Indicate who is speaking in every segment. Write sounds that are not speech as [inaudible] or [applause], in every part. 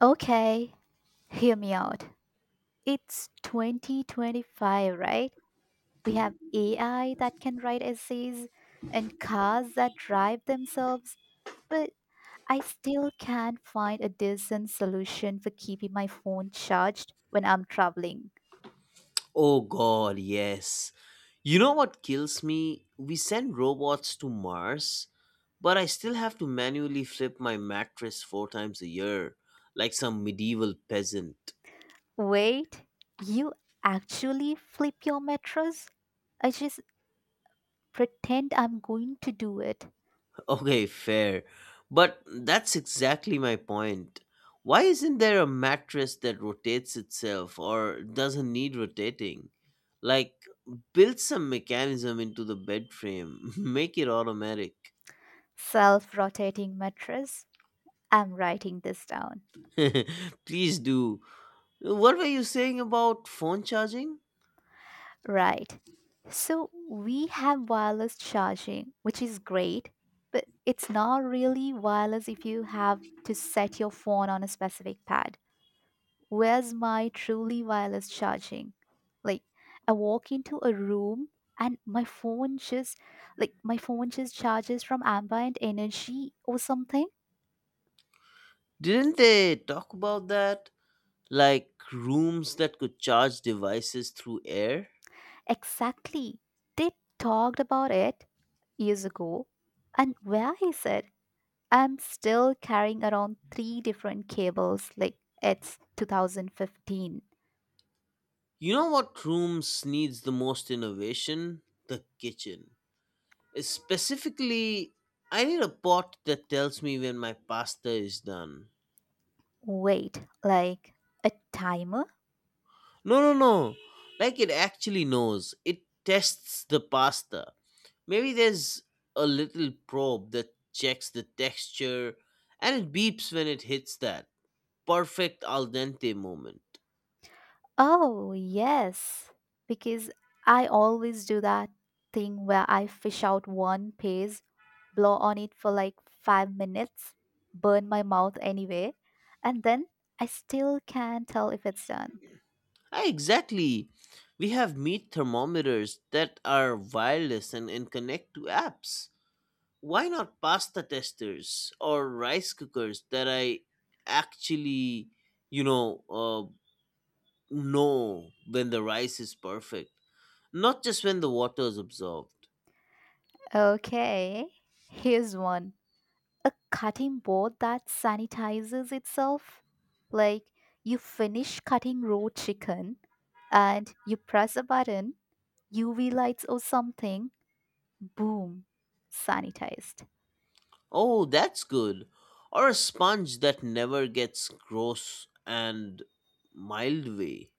Speaker 1: Okay, hear me out. It's 2025, right? We have AI that can write essays and cars that drive themselves, but I still can't find a decent solution for keeping my phone charged when I'm traveling.
Speaker 2: Oh god, yes. You know what kills me? We send robots to Mars, but I still have to manually flip my mattress four times a year, like some medieval peasant. [laughs]
Speaker 1: Wait, you actually flip your mattress? I just pretend I'm going to do it.
Speaker 2: Okay, fair. But that's exactly my point. Why isn't there a mattress that rotates itself or doesn't need rotating? Like, build some mechanism into the bed frame, [laughs] make it automatic.
Speaker 1: Self rotating mattress. I'm writing this down.
Speaker 2: [laughs] Please do. What were you saying about phone charging?
Speaker 1: Right. So we have wireless charging, which is great, but it's not really wireless if you have to set your phone on a specific pad. Where's my truly wireless charging? Like I walk into a room and my phone just charges from ambient energy or something.
Speaker 2: Didn't they talk about that? Like rooms that could charge devices through air?
Speaker 1: Exactly. They talked about it years ago. And where is it? I'm still carrying around three different cables like it's 2015.
Speaker 2: You know what rooms needs the most innovation? The kitchen. Specifically, I need a pot that tells me when my pasta is done.
Speaker 1: Wait, like a timer?
Speaker 2: No, no, no. Like it actually knows. It tests the pasta. Maybe there's a little probe that checks the texture and it beeps when it hits that perfect al dente moment.
Speaker 1: Oh, yes. Because I always do that thing where I fish out one page, blow on it for like 5 minutes, burn my mouth anyway, and then I still can't tell if it's done.
Speaker 2: Ah, exactly. We have meat thermometers that are wireless and connect to apps. Why not pasta testers or rice cookers that I actually, you know, uh, know when the rice is perfect, not just when the water is absorbed?
Speaker 1: Okay, here's one. A cutting board that sanitizes itself. Like you finish cutting raw chicken and you press a button, UV lights or something, boom, sanitized.
Speaker 2: Oh, that's good. Or a sponge that never gets gross and mild way.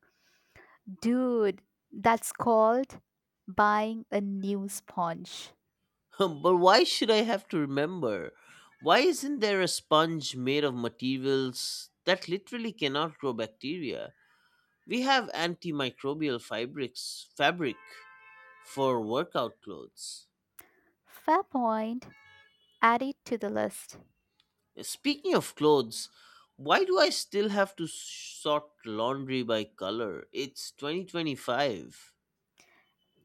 Speaker 1: Dude, that's called buying a new sponge.
Speaker 2: [laughs] But why should I have to remember? Why isn't there a sponge made of materials that literally cannot grow bacteria? We have antimicrobial fabric for workout clothes.
Speaker 1: Fair point. Add it to the list.
Speaker 2: Speaking of clothes, why do I still have to sort laundry by color? It's 2025.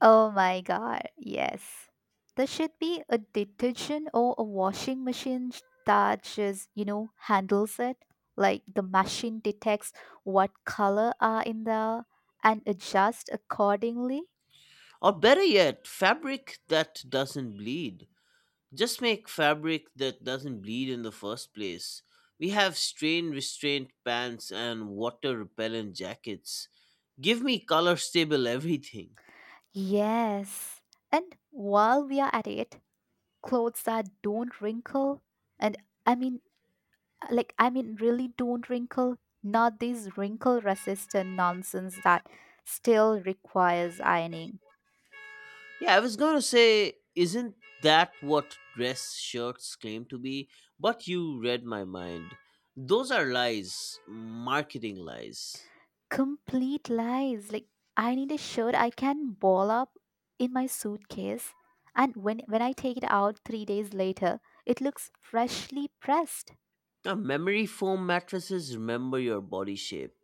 Speaker 1: Oh my god, yes. There should be a detergent or a washing machine that just, handles it. Like the machine detects what color are in there and adjusts accordingly.
Speaker 2: Or better yet, fabric that doesn't bleed. Just make fabric that doesn't bleed in the first place. We have strain restraint pants and water repellent jackets. Give me color stable everything.
Speaker 1: Yes. And while we are at it, clothes that don't wrinkle and I mean I mean really don't wrinkle, not this wrinkle resistant nonsense that still requires ironing.
Speaker 2: Yeah, I was gonna say, isn't that what dress shirts claim to be? But you read my mind. Those are lies, marketing lies.
Speaker 1: Complete lies. Like I need a shirt I can ball up in my suitcase and when I take it out 3 days later, it looks freshly pressed.
Speaker 2: Now, memory foam mattresses remember your body shape.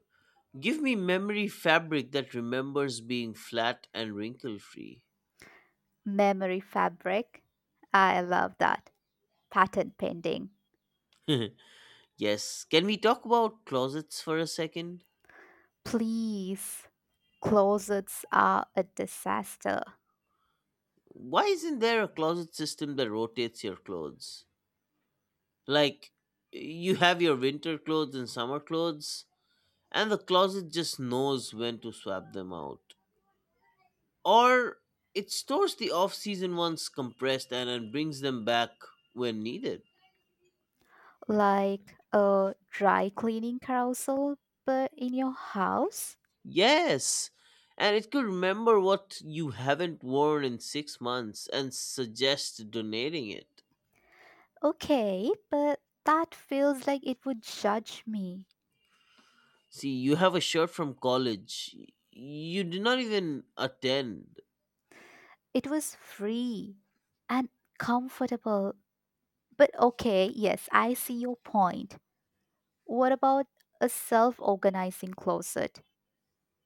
Speaker 2: Give me memory fabric that remembers being flat and wrinkle free.
Speaker 1: Memory fabric. I love that. Patent pending.
Speaker 2: [laughs] Yes, can we talk about closets for a second?
Speaker 1: Please. Closets are a disaster.
Speaker 2: Why isn't there a closet system that rotates your clothes? Like, you have your winter clothes and summer clothes, and the closet just knows when to swap them out. Or it stores the off season ones compressed and brings them back when needed.
Speaker 1: Like a dry cleaning carousel but in your house?
Speaker 2: Yes, and it could remember what you haven't worn in 6 months and suggest donating it.
Speaker 1: Okay, but that feels like it would judge me.
Speaker 2: See, you have a shirt from college. You did not even attend.
Speaker 1: It was free and comfortable. But okay, yes, I see your point. What about a self organizing closet?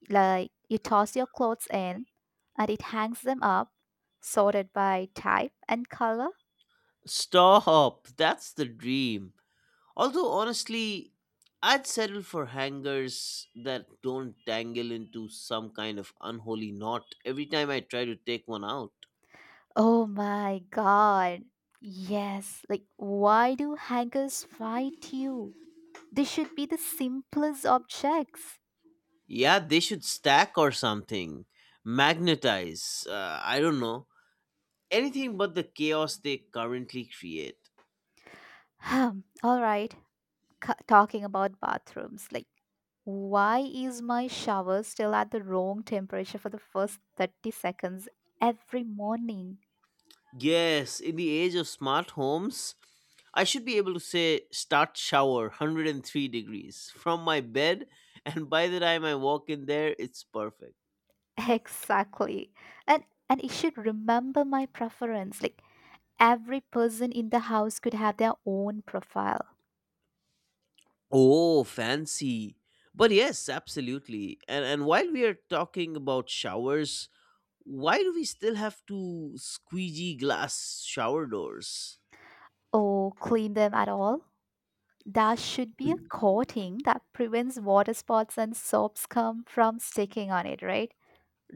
Speaker 1: Like you toss your clothes in and it hangs them up, sorted by type and color?
Speaker 2: Stop. That's the dream. Although, honestly, I'd settle for hangers that don't tangle into some kind of unholy knot every time I try to take one out.
Speaker 1: Oh my god. Yes, like why do hangers fight you? They should be the simplest objects. [sighs]
Speaker 2: Yeah, they should stack or something. Magnetize. I don't know. Anything but the chaos they currently create.
Speaker 1: Hmm. All right, talking about bathrooms, like why is my shower still at the wrong temperature for the first 30 seconds every morning?
Speaker 2: Yes, in the age of smart homes, I should be able to say start shower 103 degrees from my bed, [laughs] and by the time I walk in there, it's perfect.
Speaker 1: [laughs] Exactly. And it should remember my preference, like every person in the house could have their own profile.
Speaker 2: Oh, fancy. But yes, absolutely. And while we are talking about showers, why do we still have to squeegee glass shower doors?
Speaker 1: Or clean them at all. There should be a coating that prevents water spots and soaps come from sticking on it, right?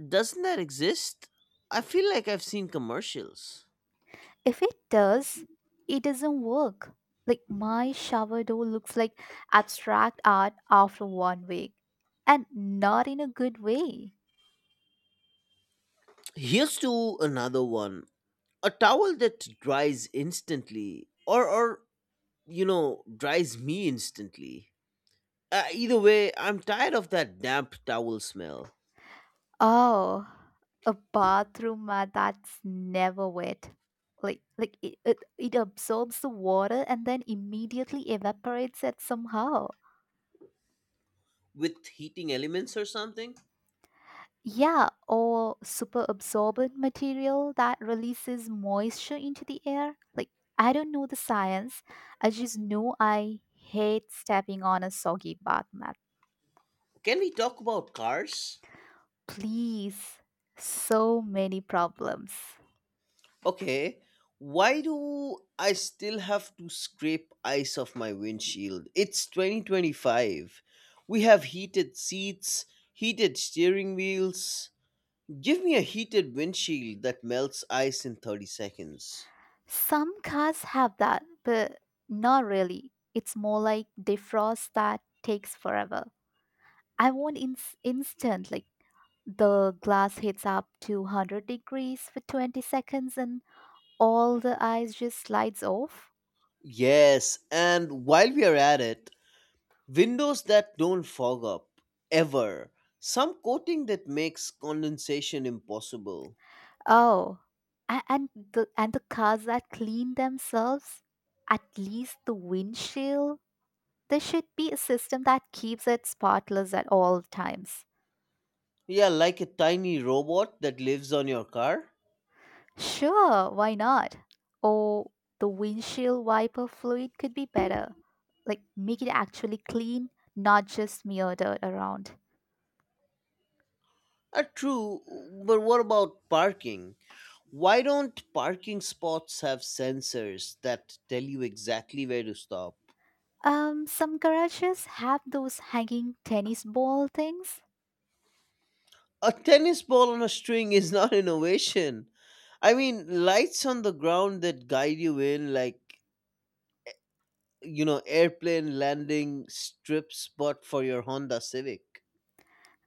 Speaker 2: Doesn't that exist? I feel like I've seen commercials.
Speaker 1: If it does, it doesn't work. Like my shower door looks like abstract art after one week, and not in a good way.
Speaker 2: Here's to another one. A towel that dries instantly, or dries me instantly. Either way, I'm tired of that damp towel smell.
Speaker 1: Oh, a bathroom mat that's never wet. Like it absorbs the water and then immediately evaporates it somehow.
Speaker 2: With heating elements or something.
Speaker 1: Yeah, or super absorbent material that releases moisture into the air. Like, I don't know the science. I just know I hate stepping on a soggy bath mat.
Speaker 2: Can we talk about cars?
Speaker 1: Please. So many problems.
Speaker 2: Okay, why do I still have to scrape ice off my windshield? It's 2025. We have heated seats, heated steering wheels. Give me a heated windshield that melts ice in 30 seconds.
Speaker 1: Some cars have that, but not really. It's more like defrost that takes forever. I want instant, like, the glass heats up to 100 degrees for 20 seconds and all the ice just slides off.
Speaker 2: Yes, and while we are at it, windows that don't fog up ever. Some coating that makes condensation impossible.
Speaker 1: Oh, and the cars that clean themselves, at least the windshield, there should be a system that keeps it spotless at all times.
Speaker 2: Yeah, like a tiny robot that lives on your car.
Speaker 1: Sure, why not? Or the windshield wiper fluid could be better. Like make it actually clean, not just smear dirt around.
Speaker 2: Ah, true, but what about parking? Why don't parking spots have sensors that tell you exactly where to stop?
Speaker 1: Some garages have those hanging tennis ball things.
Speaker 2: A tennis ball on a string is not [laughs] innovation. I mean, lights on the ground that guide you in, like airplane landing strip spot for your Honda Civic.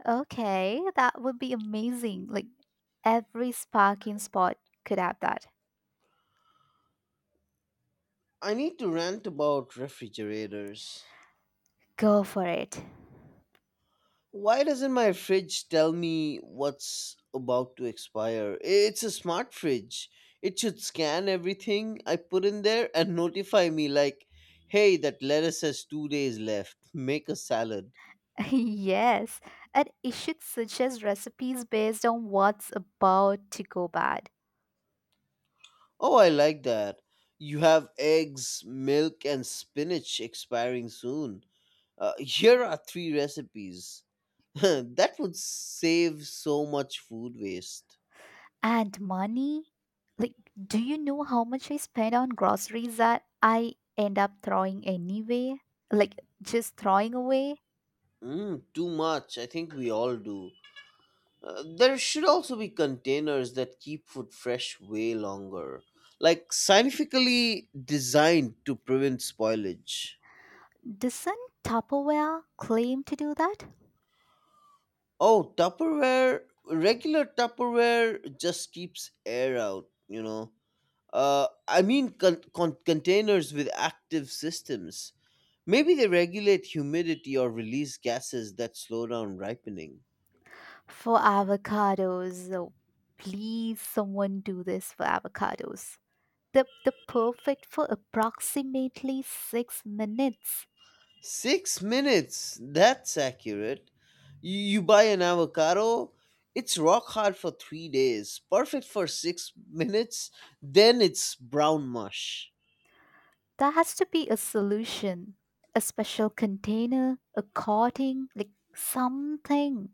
Speaker 1: Okay, that would be amazing. Like every sparking spot could have that.
Speaker 2: I need to rant about refrigerators.
Speaker 1: Go for it.
Speaker 2: Why doesn't my fridge tell me what's about to expire? It's a smart fridge. It should scan everything I put in there and notify me, like, hey, that lettuce has 2 days left. Make a salad.
Speaker 1: [laughs] Yes, and it should suggest recipes based on what's about to go bad.
Speaker 2: Oh, I like that. You have eggs, milk, and spinach expiring soon. [laughs] Here are three recipes. [laughs] That would save so much food waste.
Speaker 1: And money? Like, do you know how much I spend on groceries that I end up throwing anyway? Like, just throwing away?
Speaker 2: Mm, too much. I think we all do. There should also be containers that keep food fresh way longer, like scientifically designed to prevent spoilage.
Speaker 1: Doesn't Tupperware claim to do that?
Speaker 2: Oh, Tupperware, regular Tupperware just keeps air out. I mean containers with active systems. Maybe they regulate humidity or release gases that slow down ripening.
Speaker 1: For avocados, oh, please someone do this for avocados. The perfect for approximately 6 minutes.
Speaker 2: 6 minutes! That's accurate. You buy an avocado, it's rock hard for 3 days, perfect for 6 minutes, then it's brown mush.
Speaker 1: There has to be a solution, a special container, a coating, like something.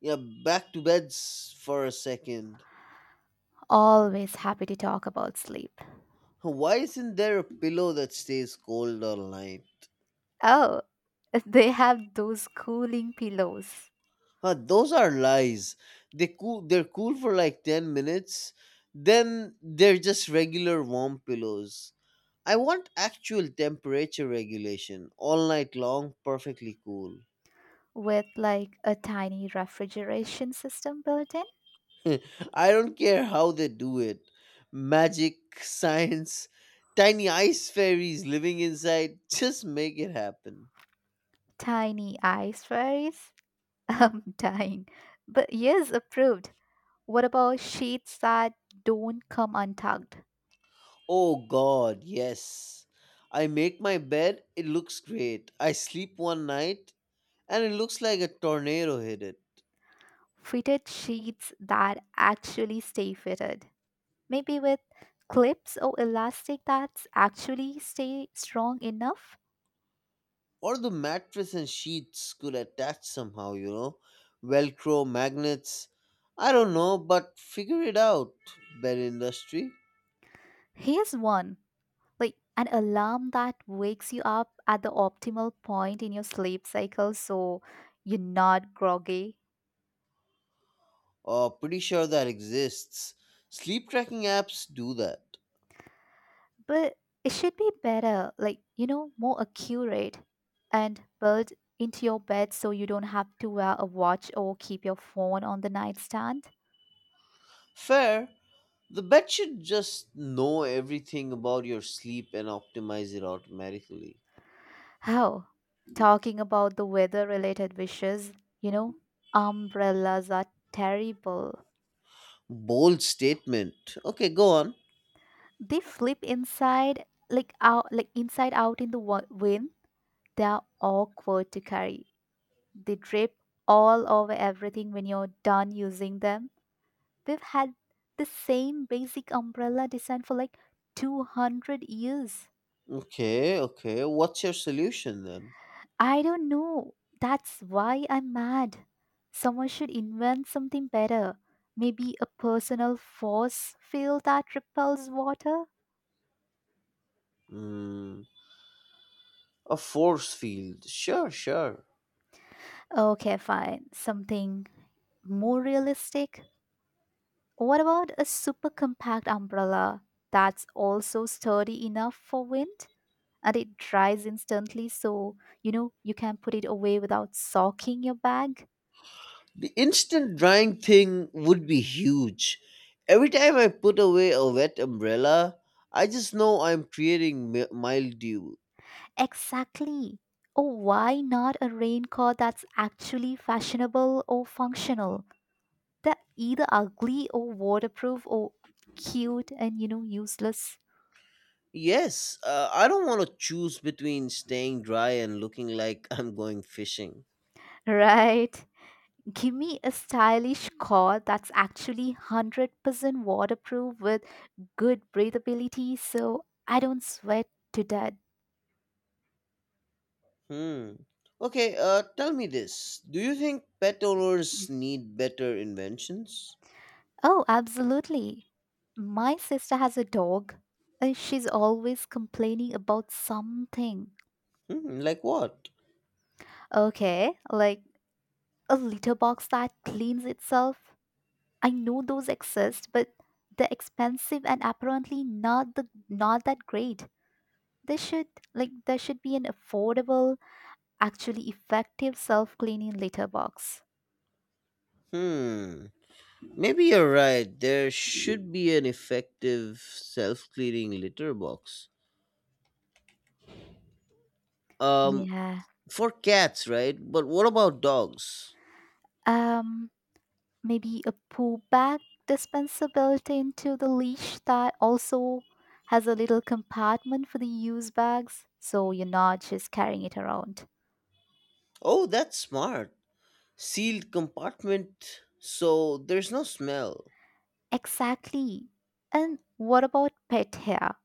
Speaker 2: Yeah, back to beds for a second.
Speaker 1: Always happy to talk about sleep.
Speaker 2: Why isn't there a pillow that stays cold all night?
Speaker 1: Oh, [laughs] they have those cooling pillows.
Speaker 2: Huh, those are lies. They're cool for like 10 minutes, then they're just regular warm pillows. I want actual temperature regulation all night long, perfectly cool.
Speaker 1: With like a tiny refrigeration system built in.
Speaker 2: [laughs] I don't care how they do it. Magic, [laughs] science, tiny ice fairies living inside. Just make it happen.
Speaker 1: Tiny ice fairies. [laughs] I'm dying. But yes, approved. What about sheets that don't come untucked?
Speaker 2: Oh God, yes. I make my bed. It looks great. I sleep one night, and it looks like a tornado hit it.
Speaker 1: Fitted sheets that actually stay fitted. Maybe with clips or elastic that actually stay strong enough?
Speaker 2: Or the mattress and sheets could attach somehow, Velcro, magnets. I don't know, but figure it out, bed industry.
Speaker 1: Here's one, like an alarm that wakes you up at the optimal point in your sleep cycle so you're not groggy.
Speaker 2: Oh, pretty sure that exists. Sleep tracking apps do that.
Speaker 1: But it should be better, like, more accurate and built into your bed so you don't have to wear a watch or keep your phone on the nightstand.
Speaker 2: Fair. The bed should just know everything about your sleep and optimize it automatically.
Speaker 1: How? Talking about the weather related wishes, you know, umbrellas are terrible.
Speaker 2: Bold statement. Okay, go on.
Speaker 1: They flip inside, like out, like inside out in the wind. They are awkward to carry. They drip all over everything when you're done using them. We've had the same basic umbrella design for like 200 years.
Speaker 2: Okay, okay. What's your solution then?
Speaker 1: I don't know. That's why I'm mad. Someone should invent something better. Maybe a personal force field that repels water?
Speaker 2: Hmm, a force field. Sure, sure.
Speaker 1: Okay, fine. Something more realistic? What about a super compact umbrella that's also sturdy enough for wind? And it dries instantly, so you know you can put it away without soaking your bag.
Speaker 2: The instant drying thing would be huge. Every time I put away a wet umbrella, I just know I'm creating mildew.
Speaker 1: Exactly. Oh, why not a raincoat that's actually fashionable or functional? They're either ugly or waterproof or cute and useless.
Speaker 2: Yes, I don't want to choose between staying dry and looking like I'm going fishing.
Speaker 1: [laughs] Right, give me a stylish coat that's actually 100% waterproof with good breathability so I don't sweat to death.
Speaker 2: Hmm. Okay, tell me this. Do you think pet owners need better inventions?
Speaker 1: Oh, absolutely. My sister has a dog and she's always complaining about something.
Speaker 2: Hmm, like what?
Speaker 1: Okay, like a litter box that cleans itself. I know those exist, but they're expensive and apparently not that great. They should like there should be an affordable, actually effective self-cleaning litter box.
Speaker 2: Hmm. Maybe you're right. There should be an effective self cleaning litter box. Um,
Speaker 1: Yeah.
Speaker 2: For cats, right? But what about dogs?
Speaker 1: Um Maybe a pull bag dispenser built into the leash that also has a little compartment for the use bags so you're not just carrying it around.
Speaker 2: Oh, that's smart. Sealed compartment, so there's no smell.
Speaker 1: Exactly. And what about pet hair?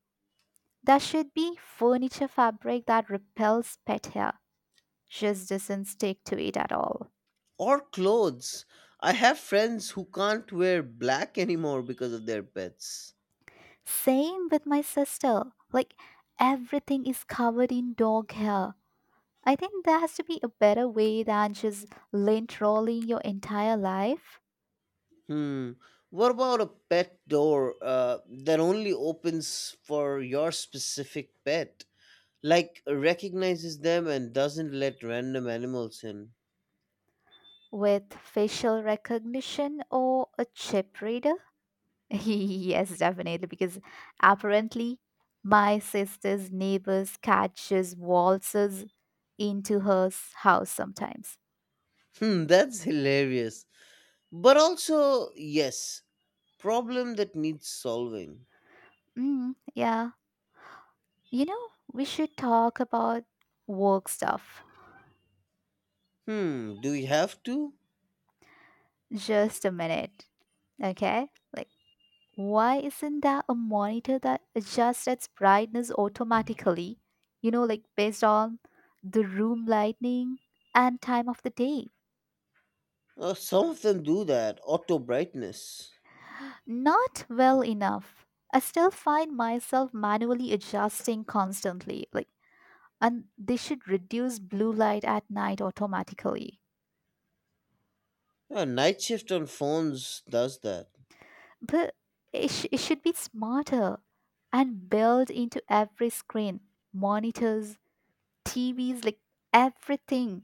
Speaker 1: There should be furniture fabric that repels pet hair, just doesn't stick to it at all.
Speaker 2: Or clothes. I have friends who can't wear black [laughs] anymore because of their pets.
Speaker 1: Same with my sister. Like, everything is covered in dog hair. I think there has to be a better way than just lint rolling your entire life.
Speaker 2: Hmm. What about a pet door that only opens for your specific pet? Like, recognizes them and doesn't let random animals in.
Speaker 1: With facial recognition or a chip reader. [laughs] Yes, definitely, because apparently my sister's neighbor's cat just waltzes into her house sometimes.
Speaker 2: Hmm, [laughs] that's hilarious. But also, yes, problem that needs solving.
Speaker 1: Mm, yeah. You know, we should talk about work stuff
Speaker 2: Hmm, do we have to?
Speaker 1: just a minute, okay? Like, why isn't there a monitor that adjusts its brightness automatically? You know, like based on the room lighting and time of the day.
Speaker 2: Some of them do that. Auto brightness.
Speaker 1: Not well enough. I still find myself manually adjusting constantly. Like, and they should reduce blue light at night automatically.
Speaker 2: Yeah, night shift on phones does that.
Speaker 1: But it should be smarter and built into every screen, monitors, TVs, like everything.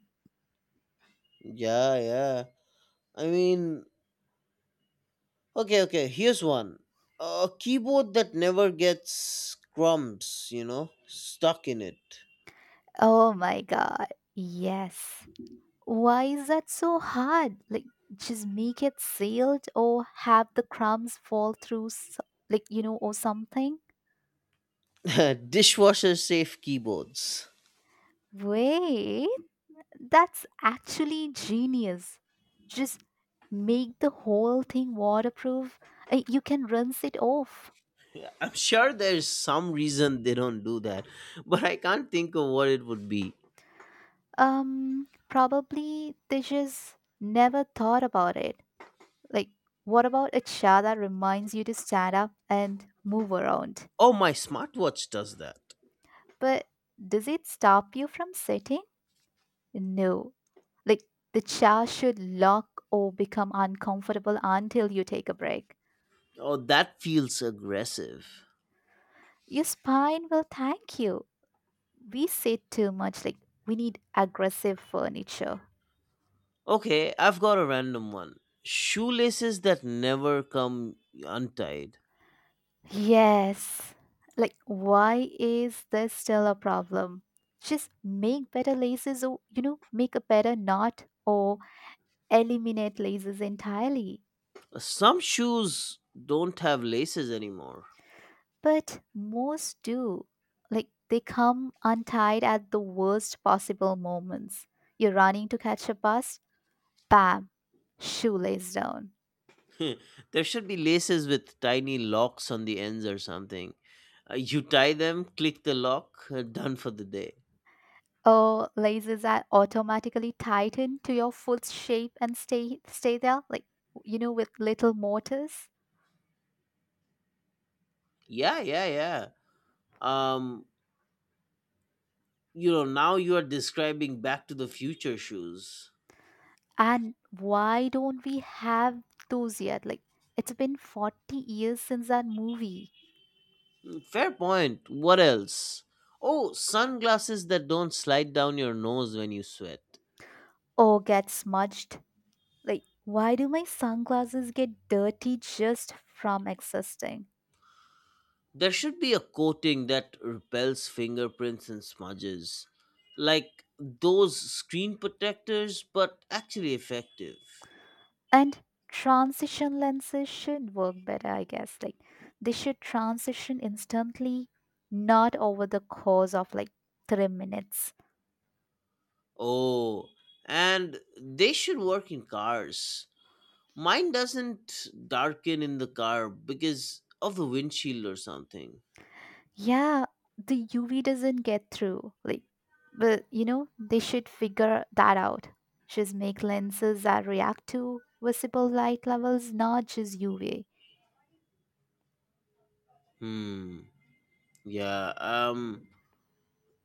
Speaker 2: Yeah, yeah. I mean, okay, okay. Here's one. A keyboard that never gets crumbs, stuck in it.
Speaker 1: Oh my god. Yes. Why is that so hard? Like just make it sealed or have the crumbs fall through s like or something.
Speaker 2: [laughs] Dishwasher safe keyboards.
Speaker 1: Wait. That's actually genius. Just make the whole thing waterproof. You can rinse it off.
Speaker 2: I'm sure there's some reason they don't do that, but I can't think of what it would be.
Speaker 1: Probably they just never thought about it. Like what about a chair that reminds you to stand up and move around?
Speaker 2: Oh, my smartwatch does that.
Speaker 1: But does it stop you from sitting? No. Like the chair should lock or become uncomfortable until you take a break.
Speaker 2: Oh, that feels aggressive.
Speaker 1: Your spine will thank you. We sit too much, like we need aggressive furniture.
Speaker 2: Okay, I've got a random one. Shoelaces that never come untied.
Speaker 1: Yes. Like, why is this still a problem? Just make better laces or, make a better knot or eliminate laces entirely.
Speaker 2: Some shoes don't have laces anymore.
Speaker 1: But most do. Like they come untied at the worst possible moments. You're running to catch a bus, bam, shoelace down.
Speaker 2: [laughs] There should be laces with tiny locks on the ends or something. You tie them, click the lock, [laughs] done for the day.
Speaker 1: Or laces are automatically tightened to your foot's shape and stay there, like with little mortars.
Speaker 2: Yeah, yeah, yeah. Um, Now you are describing Back to the Future shoes.
Speaker 1: And why don't we have those yet? Like it's been 40 years since that movie.
Speaker 2: Fair point. What else? Oh, sunglasses that don't slide down your nose when you sweat.
Speaker 1: Or get smudged. Like, why do my sunglasses get dirty just from existing?
Speaker 2: There should be a coating that repels fingerprints and smudges. Like those screen protectors, but actually effective.
Speaker 1: And transition lenses should work better, I guess. Like, they should transition instantly, not over the course of like 3 minutes.
Speaker 2: Oh, and they should work in cars. Mine doesn't darken in the car because of the windshield or something.
Speaker 1: Yeah, the UV doesn't get through. Like, but they should figure that out. Just make lenses that react to visible light levels, not just UV.
Speaker 2: Hmm. Yeah.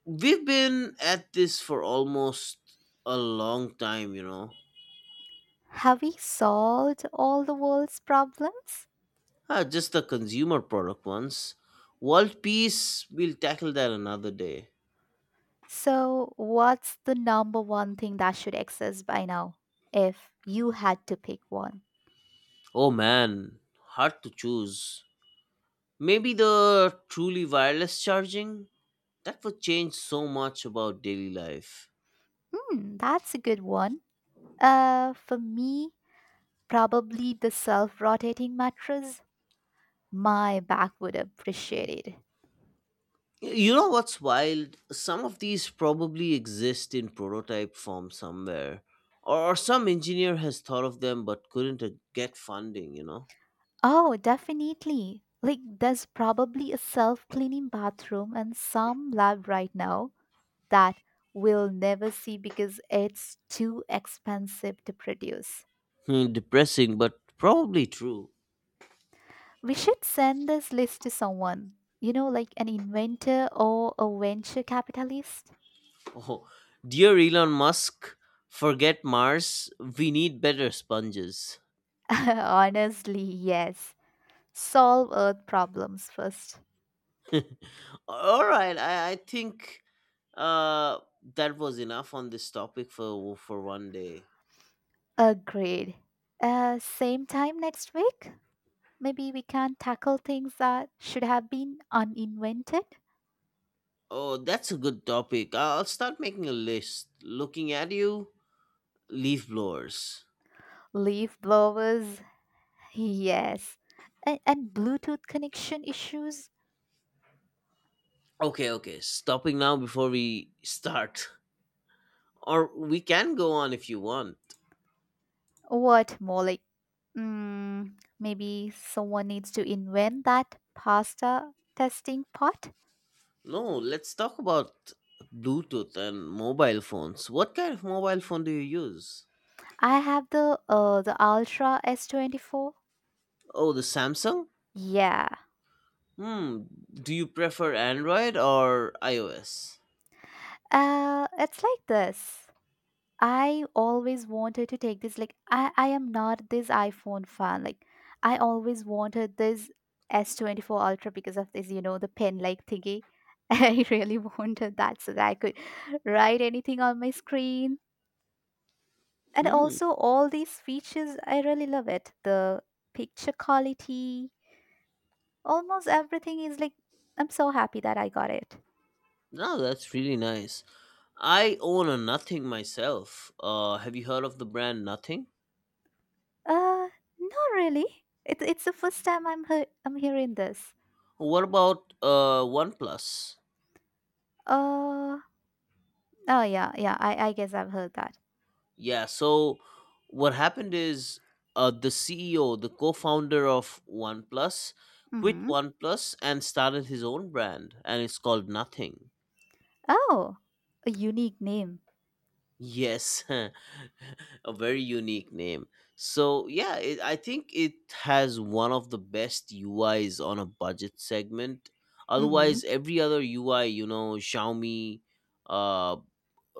Speaker 2: We've been at this for almost a long time.
Speaker 1: Have we solved all the world's problems?
Speaker 2: Ah, just the consumer product ones. World peace, we'll tackle that another day.
Speaker 1: So, what's the number one thing that should exist by now if you had to pick one?
Speaker 2: Oh man, hard to choose. Maybe the truly wireless charging? That would change so much about daily life.
Speaker 1: Hmm, that's a good one. For me, probably the self rotating mattress. My back would appreciate it.
Speaker 2: You know what's wild? Some of these probably exist in prototype form somewhere. Or some engineer has thought of them but couldn't get funding, you know?
Speaker 1: Oh, definitely. Like, there's probably a self cleaning bathroom and some lab right now that we'll never see because it's too expensive to produce.
Speaker 2: Hmm, depressing, but probably true.
Speaker 1: We should send this list to someone, like an inventor or a venture capitalist.
Speaker 2: Oh, dear Elon Musk, forget Mars. We need better sponges.
Speaker 1: [laughs] Honestly, yes. Solve Earth problems first.
Speaker 2: [laughs] All right, I think uh, that was enough on this topic for one day.
Speaker 1: Agreed. Same time next week? Maybe we can tackle things that should have been uninvented.
Speaker 2: Oh, that's a good topic. I'll start making a list. Looking at you, leaf blowers.
Speaker 1: Leaf blowers, [laughs] yes. And Bluetooth connection issues.
Speaker 2: Okay, okay. Stopping now before we start, or we can go on if you want.
Speaker 1: What, Molly? Mm, Maybe someone needs to invent that pasta testing pot.
Speaker 2: No, let's talk about Bluetooth and mobile phones. What kind of mobile phone do you use?
Speaker 1: I have the Ultra S24.
Speaker 2: Oh, the Samsung?
Speaker 1: Yeah.
Speaker 2: Hmm. Do you prefer Android or iOS?
Speaker 1: It's like this. I always wanted to take this, like I am not this iPhone fan. Like I always wanted this S24 Ultra because of this, the pen like thingy. [laughs] I really wanted that so that I could write anything on my screen. And
Speaker 2: Hmm.
Speaker 1: also all these features, I really love it. The picture quality, almost everything is like, I'm so happy that I got it.
Speaker 2: No, that's really nice. I own a Nothing myself. Have you heard of the brand Nothing?
Speaker 1: uh Not really. It's the first time I'm hearing this.
Speaker 2: What about OnePlus?
Speaker 1: uh oh, yeah, I guess I've heard that.
Speaker 2: Yeah. So what happened is the CEO, the co-founder of OnePlus, quit
Speaker 1: Mm-hmm.
Speaker 2: OnePlus and started his own brand, and it's called Nothing.
Speaker 1: Oh, a unique name.
Speaker 2: Yes, [laughs] a very unique name. So yeah, I think it has one of the best UIs on a budget segment.
Speaker 1: Mm-hmm.
Speaker 2: Otherwise, every other UI, Xiaomi, uh,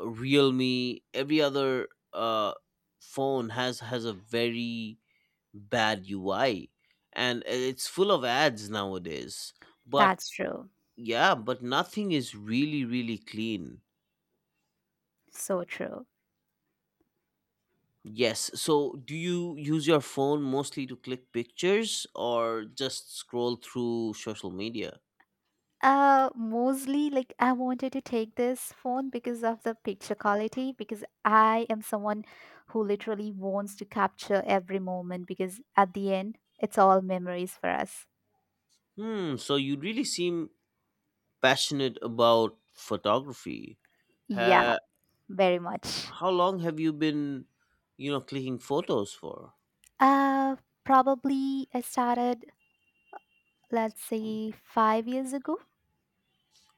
Speaker 2: Realme, every other uh phone has a very bad UI and it's full of ads nowadays. But
Speaker 1: That's true.
Speaker 2: yeah, but nothing is really really clean.
Speaker 1: So true.
Speaker 2: Yes. So do you use your phone mostly to click pictures or just scroll through social media?
Speaker 1: Mostly, like I wanted to take this phone because of the picture quality, because I am someone who literally wants to capture every moment because at the end, it's all memories for us.
Speaker 2: Hmm, so you really seem passionate about photography.
Speaker 1: Yeah,
Speaker 2: Ha
Speaker 1: very much.
Speaker 2: How long have you been, clicking photos for?
Speaker 1: Uh, Probably I started, let's say, 5 years ago.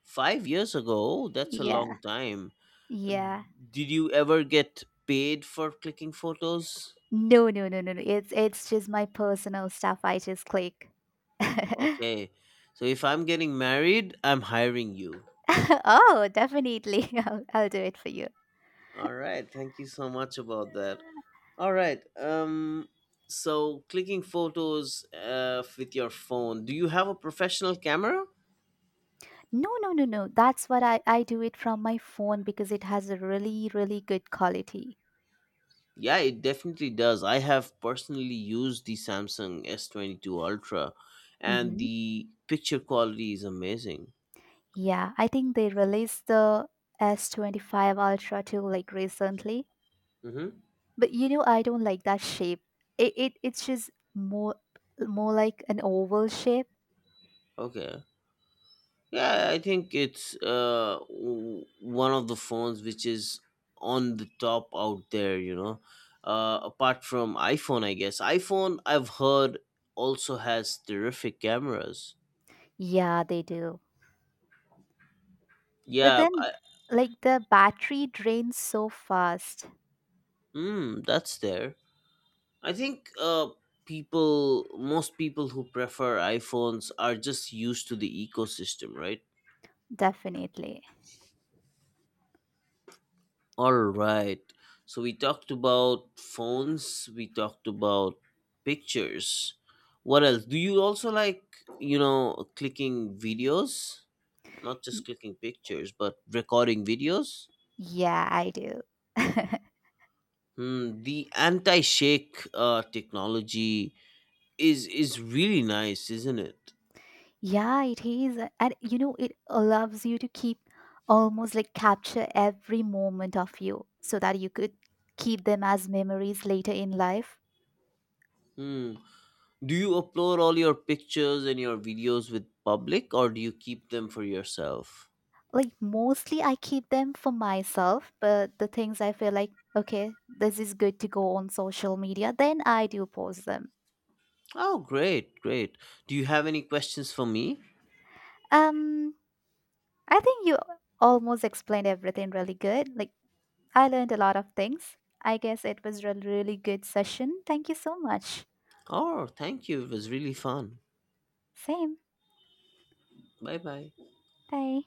Speaker 2: 5 years ago? That's a
Speaker 1: Yeah,
Speaker 2: long time.
Speaker 1: yeah.
Speaker 2: Did you ever get paid for clicking photos?
Speaker 1: No, no, no, no, no. It's just my personal stuff. I just click. [laughs]
Speaker 2: Okay. So if I'm getting married, I'm hiring you.
Speaker 1: Oh, definitely. [laughs] I'll do it for you.
Speaker 2: All right. Thank you so much about that. All right. So clicking photos with your phone. Do you have a professional camera?
Speaker 1: No, no, no, no. That's what I do it from my phone because it has a really, really good quality.
Speaker 2: Yeah, it definitely does. I have personally used the Samsung S22 Ultra and
Speaker 1: Hmm.
Speaker 2: the picture quality is amazing.
Speaker 1: Yeah, I think they released the S25 Ultra too, like recently.
Speaker 2: Mhm.
Speaker 1: But you know, I don't like that shape. It's just more like an oval shape.
Speaker 2: Okay. Yeah, I think it's one of the phones which is on the top out there. Apart from iPhone, I guess. iPhone, I've heard, also has terrific cameras.
Speaker 1: Yeah, they do. But
Speaker 2: Yeah,
Speaker 1: then like the battery drains so fast.
Speaker 2: that's there. I think most people who prefer iPhones are just used to the ecosystem, right?
Speaker 1: Definitely.
Speaker 2: All right. So we talked about phones, we talked about pictures. What else? Do you also like, clicking videos? Not just
Speaker 1: Y-
Speaker 2: clicking pictures, but recording videos?
Speaker 1: yeah, I do. [laughs]
Speaker 2: Hmm, the anti-shake technology is really nice, isn't it?
Speaker 1: Yeah, it is. And you know, it allows you to keep almost like capture every moment of you so that you could keep them as memories later in life.
Speaker 2: Hmm. Do you upload all your pictures and your videos with public or do you keep them for yourself?
Speaker 1: Like, mostly I keep them for myself, but the things I feel like, okay, this is good to go on social media, then I do post them.
Speaker 2: Oh, great, great. Do you have any questions for me?
Speaker 1: Um, I think you almost explained everything really good. Like, I learned a lot of things. I guess it was a really good session. Thank you so much.
Speaker 2: Oh, thank you. It was really fun.
Speaker 1: Same.
Speaker 2: Bye bye.
Speaker 1: Bye.